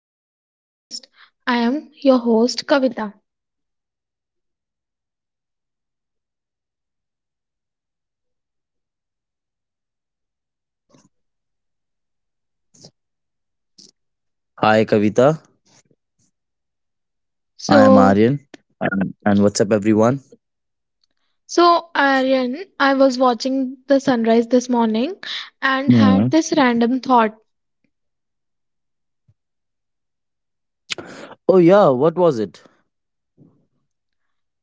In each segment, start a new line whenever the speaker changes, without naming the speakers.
another podcast. I am your host Kavita.
Hi Kavita and hello everyone. I am Aryan. What's up? Hi Kavita. I am Aryan.
So,
And what's up everyone?
so Aryan, I was watching the sunrise this morning and
Hmm.
had this random thought.
Oh yeah, what was it?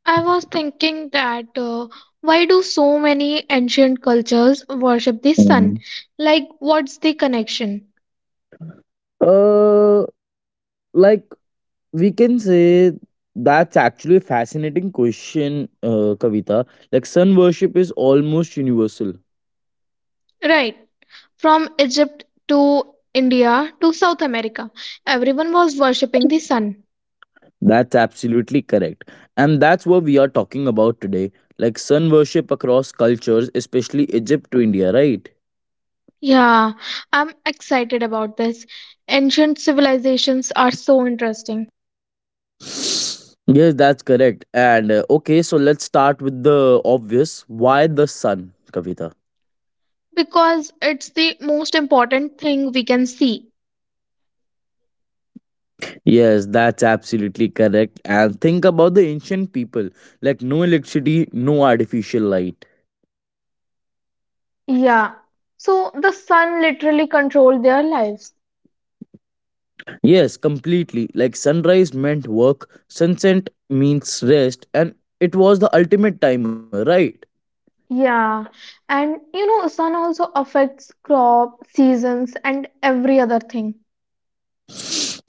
I was thinking that why do so many ancient cultures worship the sun?
Mhm.
Like, what's the connection?
Uh, like we can say that's actually a fascinating question, Kavita. Like sun worship is almost universal.
Right from Egypt to India to South America. Everyone was worshipping the sun.
That's absolutely correct, and that's what we are talking about today. Like sun worship across cultures, especially Egypt to India, right?
Yeah, I'm excited about this. Ancient civilizations are so interesting
Yes, that's correct. And okay, so let's start with the obvious. Why the sun, Kavita?
because it's the most important thing we can see.
Yes, that's absolutely correct. And think about the ancient people, like no electricity, no artificial light.
Yeah, so the sun literally controlled their lives.
Yes, completely. Like sunrise meant work, sunset means rest, and it was the ultimate timer, right?
Yeah, and you know, sun also affects crop, seasons, and every other thing.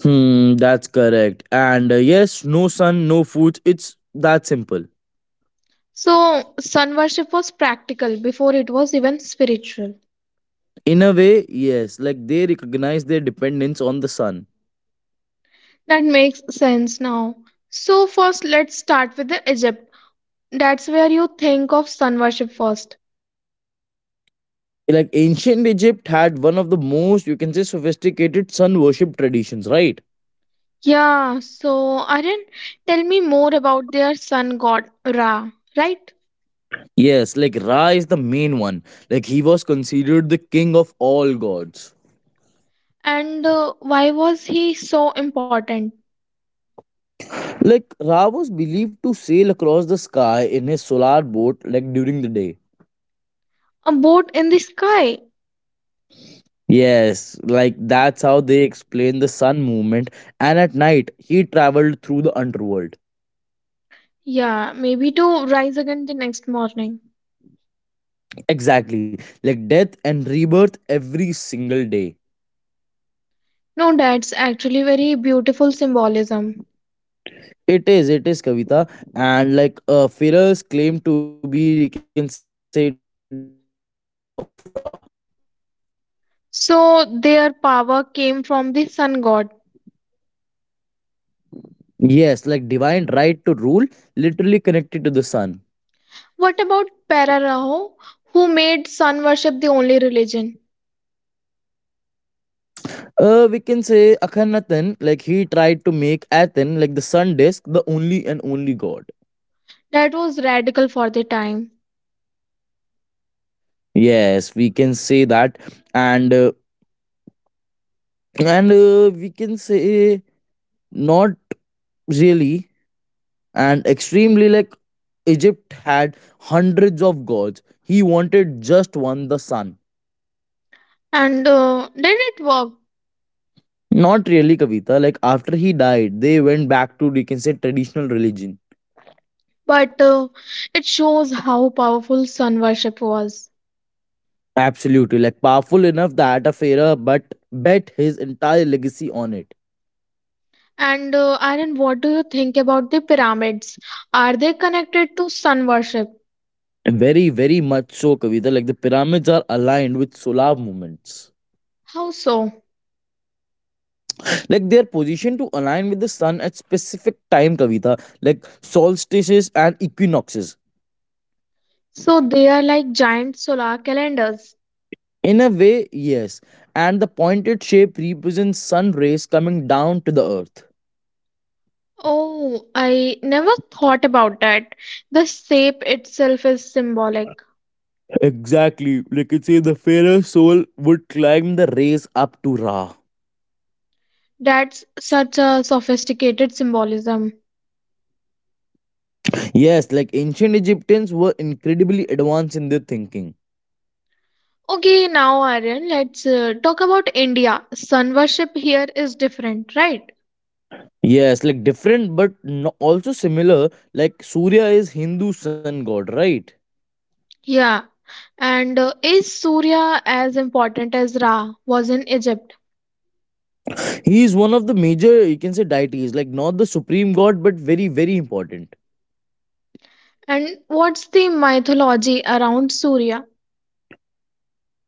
That's correct. And yes, no sun, no food. It's that simple.
So, sun worship was practical before it was even spiritual.
In a way, yes, like they recognize their dependence on the sun.
That makes sense now. So, first, let's start with the Egypt. That's where you think of sun worship first.
Like ancient Egypt had one of the most, you can say, sophisticated sun worship traditions, right?
Yeah, so Aryan, tell me more about their sun god Ra, right?
Yes, like Ra is the main one. Like he was considered the king of all gods.
And why was he so important?
Like Ra was believed to sail across the sky in his solar boat, like during the day.
A boat in the sky.
Yes, like that's how they explain the sun movement. And at night, he traveled through the underworld.
Yeah, maybe to rise again the next morning.
Exactly. Like death and rebirth every single day.
No, that's actually very beautiful symbolism.
It is, it is, Kavita. And like Firas claimed to be, you can say, descendant of Ra.
So their power came from the sun god.
Yes, like divine right to rule, literally connected to the sun.
What about Pararao, who made sun worship the only religion?
We can say Akhenaten, like he tried to make Aten, like the sun disk, the only and only god.
That was radical for the time.
Yes, we can say that, and uh, and we can say not really and extremely, like Egypt had hundreds of gods. He wanted just one, the sun.
And did it work?
Not really, Kavita. Like after he died, they went back to, you can say, traditional religion.
But it shows how powerful sun worship was.
Absolutely, like powerful enough that a pharaoh, but bet his entire legacy on it.
And Aaron, what do you think about the pyramids? Are they connected to sun worship?
Very, very much so, Kavita. Like the pyramids are aligned with solar movements.
How so?
Like they are positioned to align with the sun at specific time, Kavita. Like solstices and equinoxes.
So they are like giant solar calendars.
In a way, yes. And the pointed shape represents sun rays coming down to the earth.
Oh, I never thought about that. The shape itself is symbolic.
Exactly. Like it say the pharaoh soul would climb the rays up to Ra.
That's such a sophisticated symbolism.
Yes, like ancient Egyptians were incredibly advanced in their thinking.
Okay, now Aryan, let's talk about India. Sun worship here is different, right?
Yes, like different but no, also similar. Like Surya is Hindu sun god, right?
Yeah, and is Surya as important as Ra was in Egypt?
He is one of the major, you can say, deities. Like not the supreme god, but very, very important.
And what's the mythology around Surya?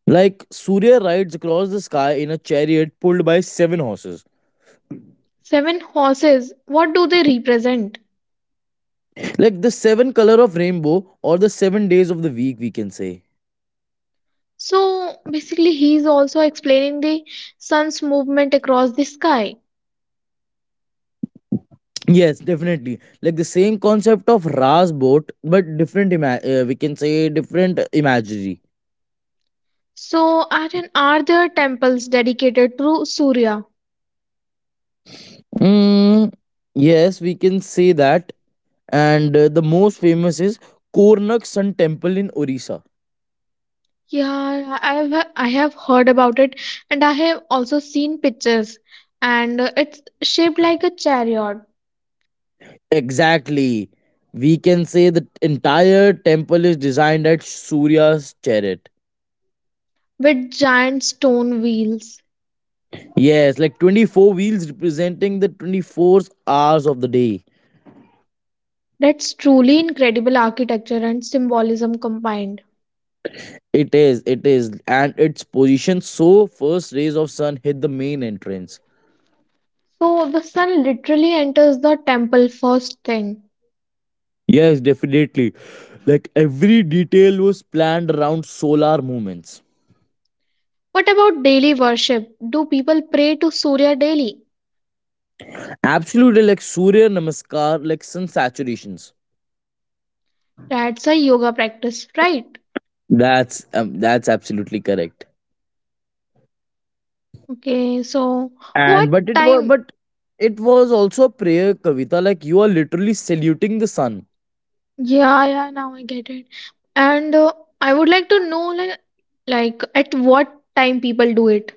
Like Surya rides across the sky in a chariot pulled by seven horses.
Seven horses, what do they represent?
Like the seven color of rainbow or the 7 days of the week, we can say.
So basically, he's also explaining the sun's movement across the sky.
Yes, definitely. Like the same concept of Ras boat, but different. We can say different imagery.
So, Aryan, are there temples dedicated to Surya?
Mm, yes, we can say that. And the most famous is Kornak Sun Temple in Orissa.
Yeah, I have heard about it, and I have also seen pictures, and it's shaped like a chariot
Exactly. We can say the entire temple is designed at Surya's chariot.
with giant stone wheels.
Yes, like 24 wheels representing the 24 hours of the day.
That's truly incredible architecture and symbolism combined.
It is, and its position so first rays of sun hit the main entrance.
So the sun literally enters the temple first thing.
Yes, definitely. Like every detail was planned around solar movements.
What about daily worship? Do people pray to Surya daily?
Absolutely, like Surya Namaskar, like sun saturations.
That's a yoga practice, right?
That's absolutely correct.
Okay, so what
And but it was,
time?
but it was also a prayer, Kavita. Like you are literally saluting the sun.
Yeah, yeah, now I get it. And I would like to know like at what time people do it.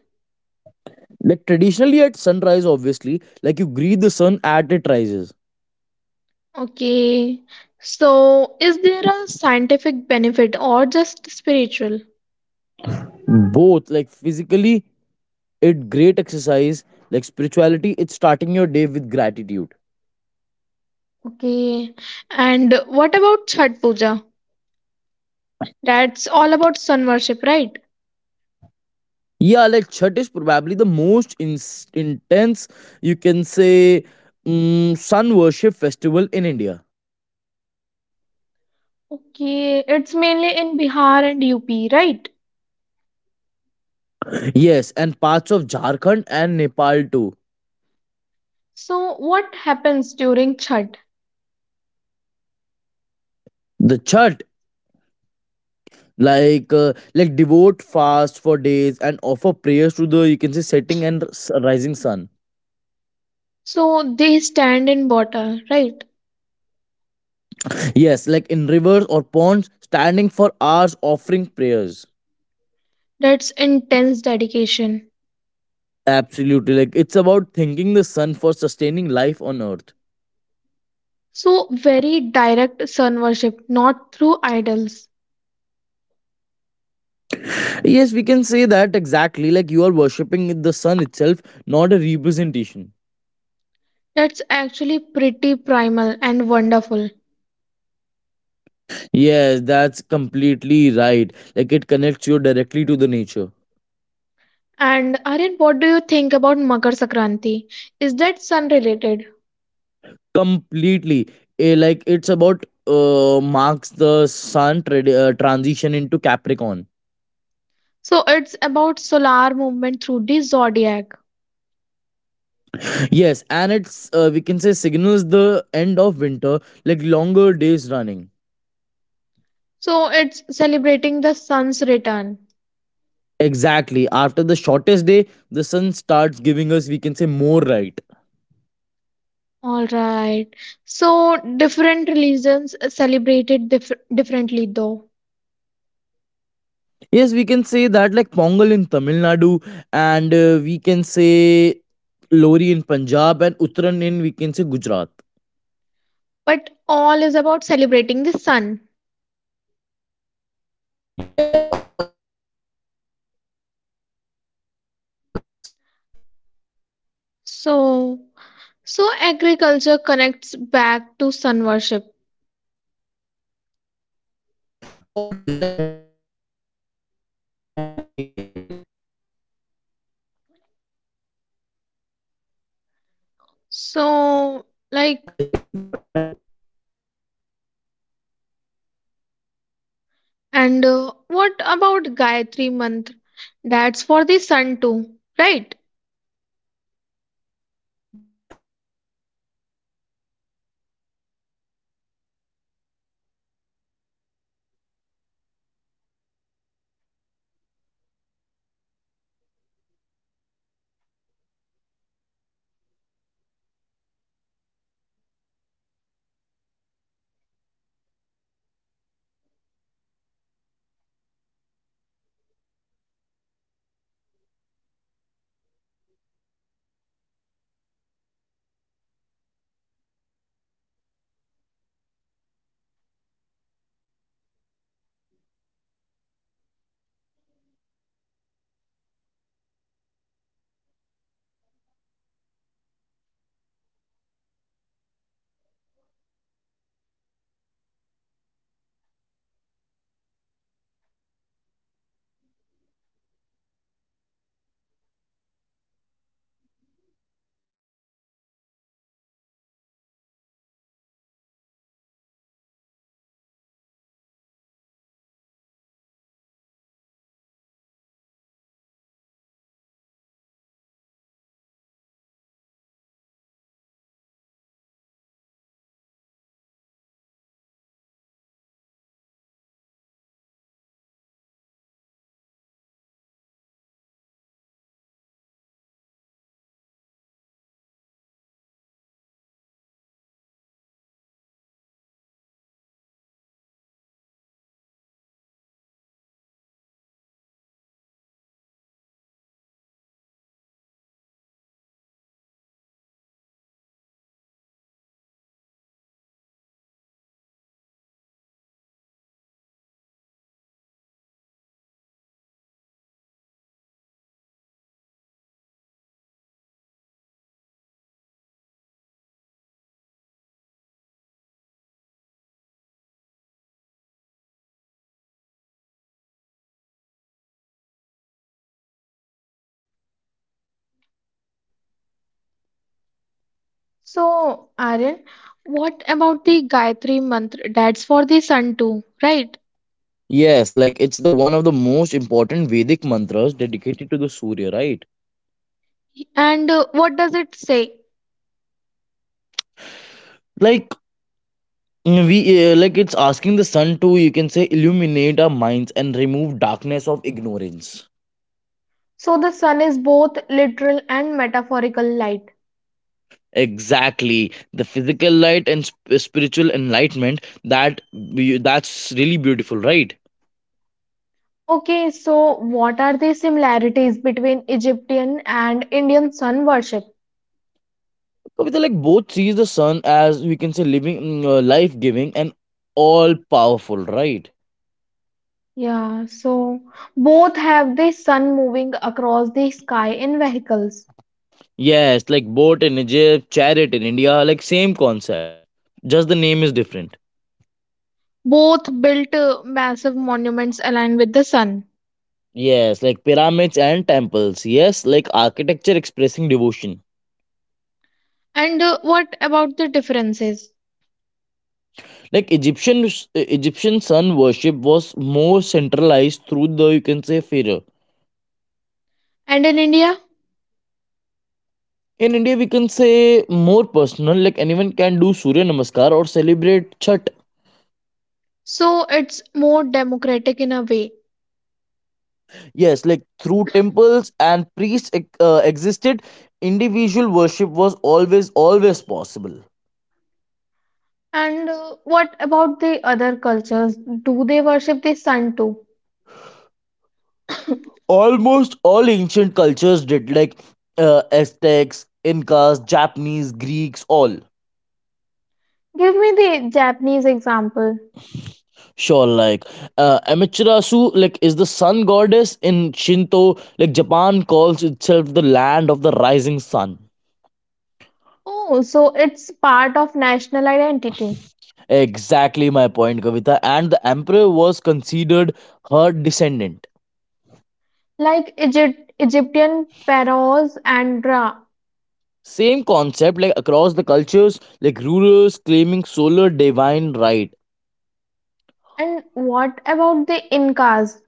Like traditionally at sunrise, obviously, like you greet the sun at it rises.
Okay. So, is there a scientific benefit or just spiritual?
Both, like physically it great exercise, like spirituality it's starting your day with gratitude.
Okay. And what about Chhat Puja? That's all about sun worship, right?
Yeah, like chat is probably the most intense, you can say, sun worship festival in India.
Okay. It's mainly in Bihar and UP, right?
Yes, and parts of Jharkhand and Nepal too.
So, what happens during Chhat?
The chat, like uh, like devote fast for days and offer prayers to the, you can say, setting and rising sun.
So, they stand in water, right?
Yes, like in rivers or ponds standing for hours offering prayers.
That's intense dedication.
Absolutely. Like it's about thanking the sun for sustaining life on earth.
So, very direct sun worship, not through idols.
Yes, we can say that exactly. Like you are worshipping the sun itself, not a representation.
That's actually pretty primal and wonderful.
Yes, that's completely right. Like it connects you directly to the nature.
And Aryan, what do you think about Makar Sankranti? Is that sun related?
Completely. Like it's about marks the sun trad transition into Capricorn.
So it's about solar movement through the zodiac.
Yes, and it's, we can say, signals the end of winter, like longer days running.
So it's celebrating the sun's return.
Exactly. After the shortest day, the sun starts giving us, we can say, more light.
All right. So different religions celebrated differently though,
Yes, we can say that, like Pongal in Tamil Nadu, and we can say Lori in Punjab, and Uttaran in, we can say, Gujarat.
but all is about celebrating the sun.
Yes, all celebrating the sun, and we can say the harvest it brings.
So so agriculture connects back to sun worship.
Always, like no sun, no crop, and no life as well. Yes, Kavita, am
So
I
like And what about Gayatri Mantra? That's for the sun too, right?
right?
So, Aryan, what about the Gayatri Mantra? That's for the sun too, right?
Yes, like it's the one of the most important Vedic mantras dedicated to the Surya, right?
And what does it say?
Like mm, we like it's asking the sun to, you can say, illuminate our minds and remove darkness of ignorance.
So, the sun is both literal and metaphorical light.
Exactly, the physical light and spiritual enlightenment that that's really beautiful, right?
Okay, so what are the similarities between Egyptian and Indian sun worship?
Kavita, like both sees the sun as, we can say, living, life-giving and all-powerful, right?
Yeah, so both have the sun moving across the sky in vehicles.
Yes, like boat in Egypt, chariot in India, like same concept. Just the name is different.
Both built massive monuments aligned with the sun.
Yes, like pyramids and temples. Yes, like architecture expressing devotion.
And what about the differences?
Like Egyptian sun worship was more centralized through the, you can say, pharaoh.
And in India,
In India, we can say more personal. Like anyone can do Surya Namaskar or celebrate Chhat.
so it's more democratic in a way.
Yes, like through temples and priests existed, individual worship was always possible.
And what about the other cultures? Do they worship the sun too?
Almost all ancient cultures did, like Aztecs, Incas, Japanese, Greeks, all.
Give me the Japanese example.
Sure, like Amaterasu, like, is the sun goddess in Shinto. Like Japan calls itself the land of the rising sun.
Oh, so it's part of national identity,
Exactly my point, Kavita, and the emperor was considered her descendant.
like Egyptian pharaohs and Ra.
Same concept, like across the cultures, like rulers claiming solar divine right.
And what about the Incas?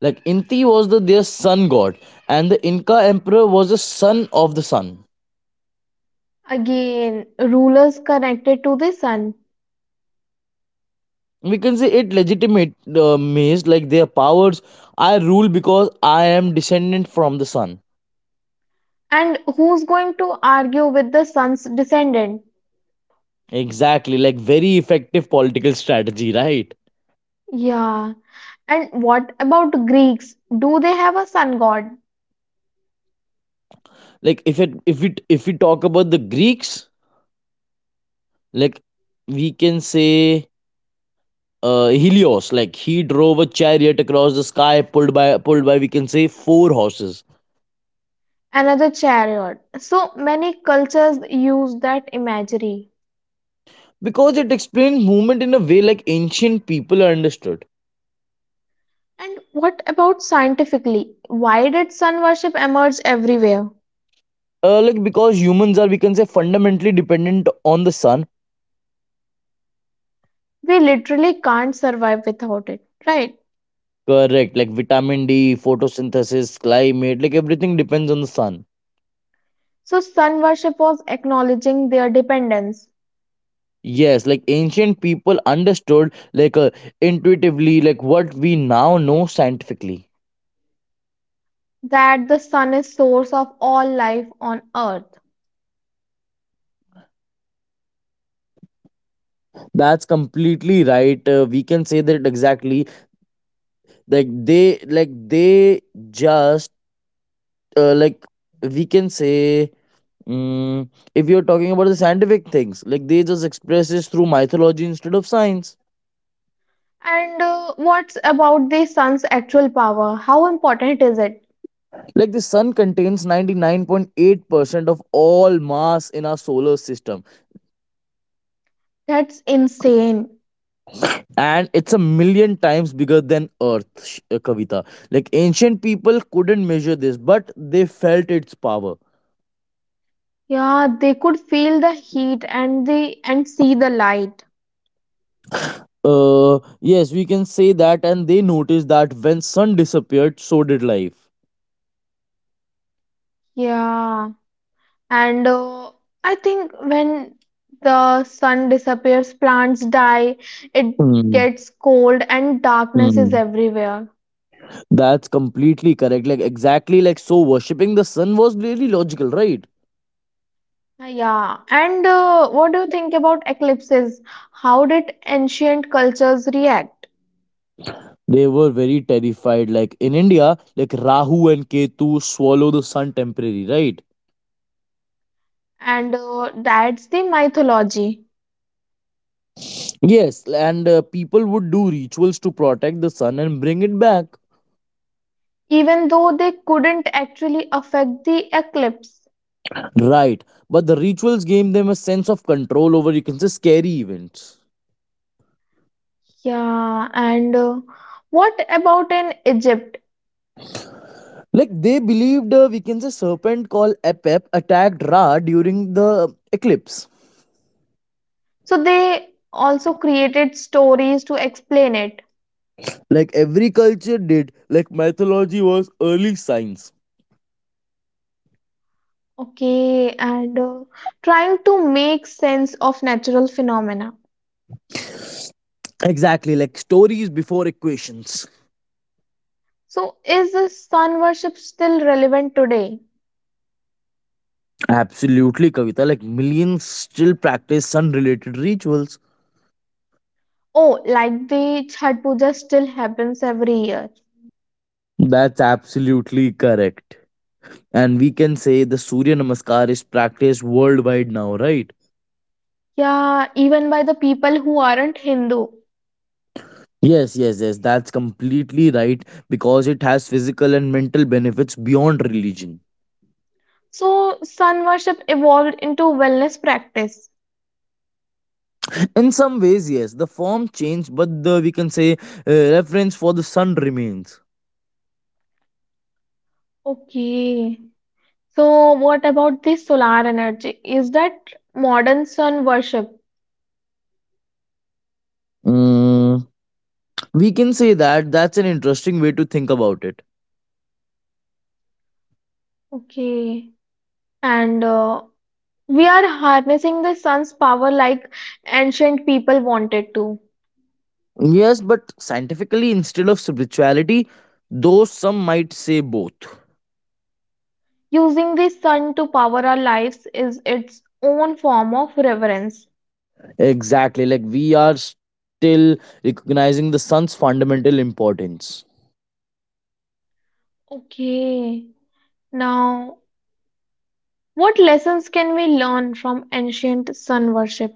Like Inti was the their sun god, and the Inca emperor was the son of the sun.
Again, rulers connected to the sun.
We can say it legitimate means like their powers. I rule because I am descendant from the sun.
And who's going to argue with the sun's descendant?
Exactly, like very effective political strategy, right?
Yeah. And what about Greeks? Do they have a sun god?
Like if we talk about the Greeks, like we can say Helios, like he drove a chariot across the sky pulled by we can say four horses.
Another chariot. So many cultures use that imagery.
Because it explains movement in a way, like ancient people understood.
And what about scientifically? Why did sun worship emerge everywhere?
Like because humans are, we can say, fundamentally dependent on the sun.
We literally can't survive without it, right?
Correct, like vitamin D, photosynthesis, climate, like everything depends on the sun.
So sun worship was acknowledging their dependence,
Yes, like ancient people understood, like intuitively, like what we now know scientifically.
that the sun is source of all life on earth.
They just like, we can say, mm, if you're talking about the scientific things, like they just express this through mythology instead of science.
And what's about the sun's actual power? How important is it?
Like the sun contains 99.8% of all mass in our solar system
That's insane.
and it's a million times bigger than earth. Kavita, like ancient people couldn't measure this but they felt its power.
Yeah, they could feel the heat and the and see the light.
Yes, we can say that, and they noticed that when sun disappeared so did life.
Yeah. And I think when the sun disappears, plants die, it
Hmm,
gets cold and darkness is
hmm.
everywhere.
That's completely correct. Like exactly, like so worshipping the sun was really logical, right?
Yeah. And what do you think about eclipses? How did ancient cultures react?
They were very terrified. Like in India, like Rahu and Ketu swallow the sun temporarily, right?
And that's the mythology.
Yes, and people would do rituals to protect the sun and bring it back.
Even though they couldn't actually affect the eclipse.
Right, but the rituals gave them a sense of control over, you can say, scary events.
Yeah, and what about in Egypt?
Like they believed, we can say, serpent called Epep attacked Ra during the eclipse.
So they also created stories to explain it.
Like every culture did, like mythology was early science.
Okay, and trying to make sense of natural phenomena.
Exactly, like stories before equations.
So is the sun worship still relevant today?
Absolutely, Kavita, like millions still practice sun related rituals.
Oh, like the Chhat Puja still happens every year.
That's absolutely correct, and we can say the Surya Namaskar is practiced worldwide now, right?
Yeah, even by the people who aren't Hindu.
Yes, yes, yes, that's completely right, because it has physical and mental benefits beyond religion.
So, sun worship evolved into wellness practice.
In some ways, yes, the form changed but the, we can say, reference for the sun remains.
Okay. So, what about the solar energy? Is that modern sun worship?
Mm, we can say that that's an interesting way to think about it.
Okay. And we are harnessing the sun's power like ancient people wanted to.
Yes, but scientifically, instead of spirituality, though some might say both.
Using the sun to power our lives is its own form of reverence.
Exactly, like we are still recognizing the sun's fundamental importance.
Okay. Now, what lessons can we learn from ancient sun worship?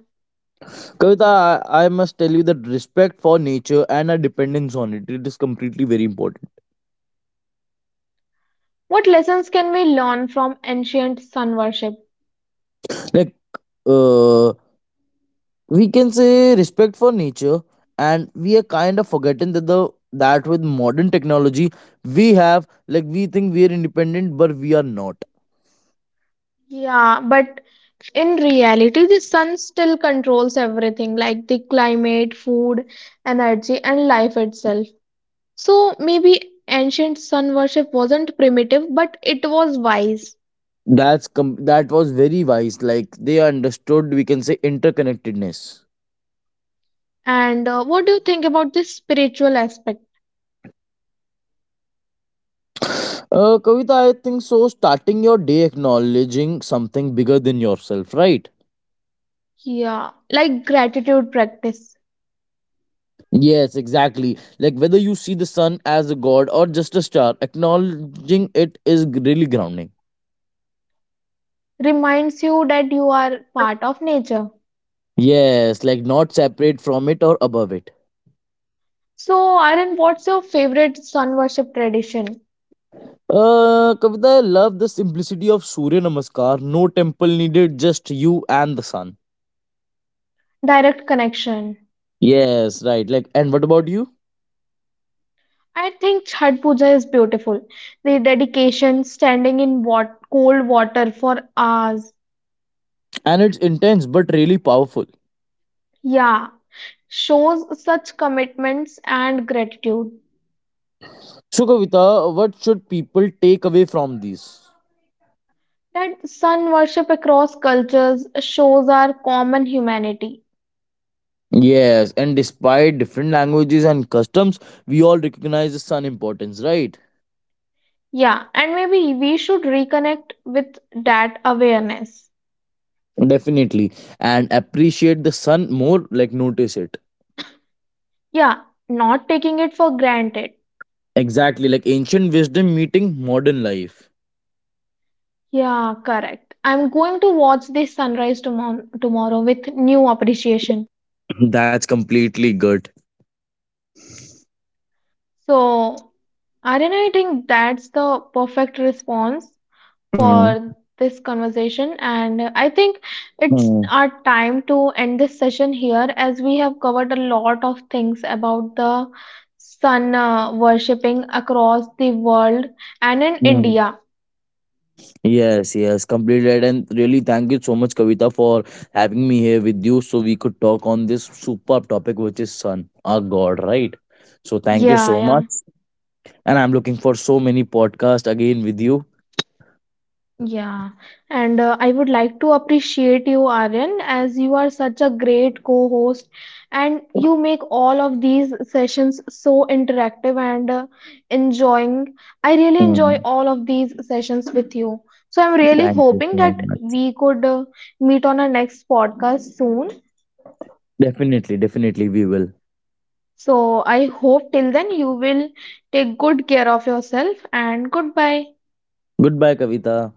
Kavita, I must tell you that respect for nature and our dependence on it, it is completely very important.
What lessons can we learn from ancient sun worship?
Like, uh, we can say respect for nature, and we are kind of forgetting that the that with modern technology we have, like we think we are independent but we are not.
Yeah, but in reality, the sun still controls everything like the climate, food, energy, and life itself. So maybe ancient sun worship wasn't primitive, but it was wise.
That was very wise, like they understood, we can say, interconnectedness.
And what do you think about this spiritual aspect?
Kavita, I think so, starting your day acknowledging something bigger than yourself, right?
Yeah, like gratitude practice
Yes, exactly, like whether you see the sun as a god or just a star, acknowledging it is really grounding.
reminds you that you are part of nature.
Yes, like not separate from it or above it.
So, Aaron, what's your favorite sun worship tradition?
Kavita, I love the simplicity of Surya Namaskar. No temple needed, just you and the sun.
Direct connection.
Yes, right. Like, and what about you?
I think Chhat Puja is beautiful. The dedication, standing in cold water for hours,
And it's intense but really powerful.
yeah, shows such commitments and gratitude.
So, Kavita, what should people take away from these?
That sun worship across cultures shows our common humanity.
Yes, and despite different languages and customs, we all recognize the sun importance, right?
Yeah, and maybe we should reconnect with that awareness.
Definitely, and appreciate the sun more. Like, notice it
Yeah, not taking it for granted.
exactly. Like ancient wisdom meeting modern life.
Yeah, correct. I'm going to watch the sunrise tomorrow with new appreciation.
That's completely good.
So, Aryan, I think that's the perfect response
Mm,
for this conversation. And I think it's
mm,
our time to end this session here as we have covered a lot of things about the sun worshipping across the world and in
mm.
India.
Yes, yes, completely right. And really, thank you so much, Kavita, for having me here with you so we could talk on this superb topic, which is sun, our God, right? So, thank you
Yeah,
so much.
yeah.
And I'm looking for so many podcasts again with you.
Yeah, and I would like to appreciate you, Aryan, as you are such a great co-host and you make all of these sessions so interactive and enjoying. I really enjoy
Mm,
all of these sessions with you. So I'm really
thank you
hoping
so
that
much.
we could meet on our next podcast soon.
Definitely, definitely, we will.
So I hope till then you will take good care of yourself and goodbye.
Goodbye, Kavita.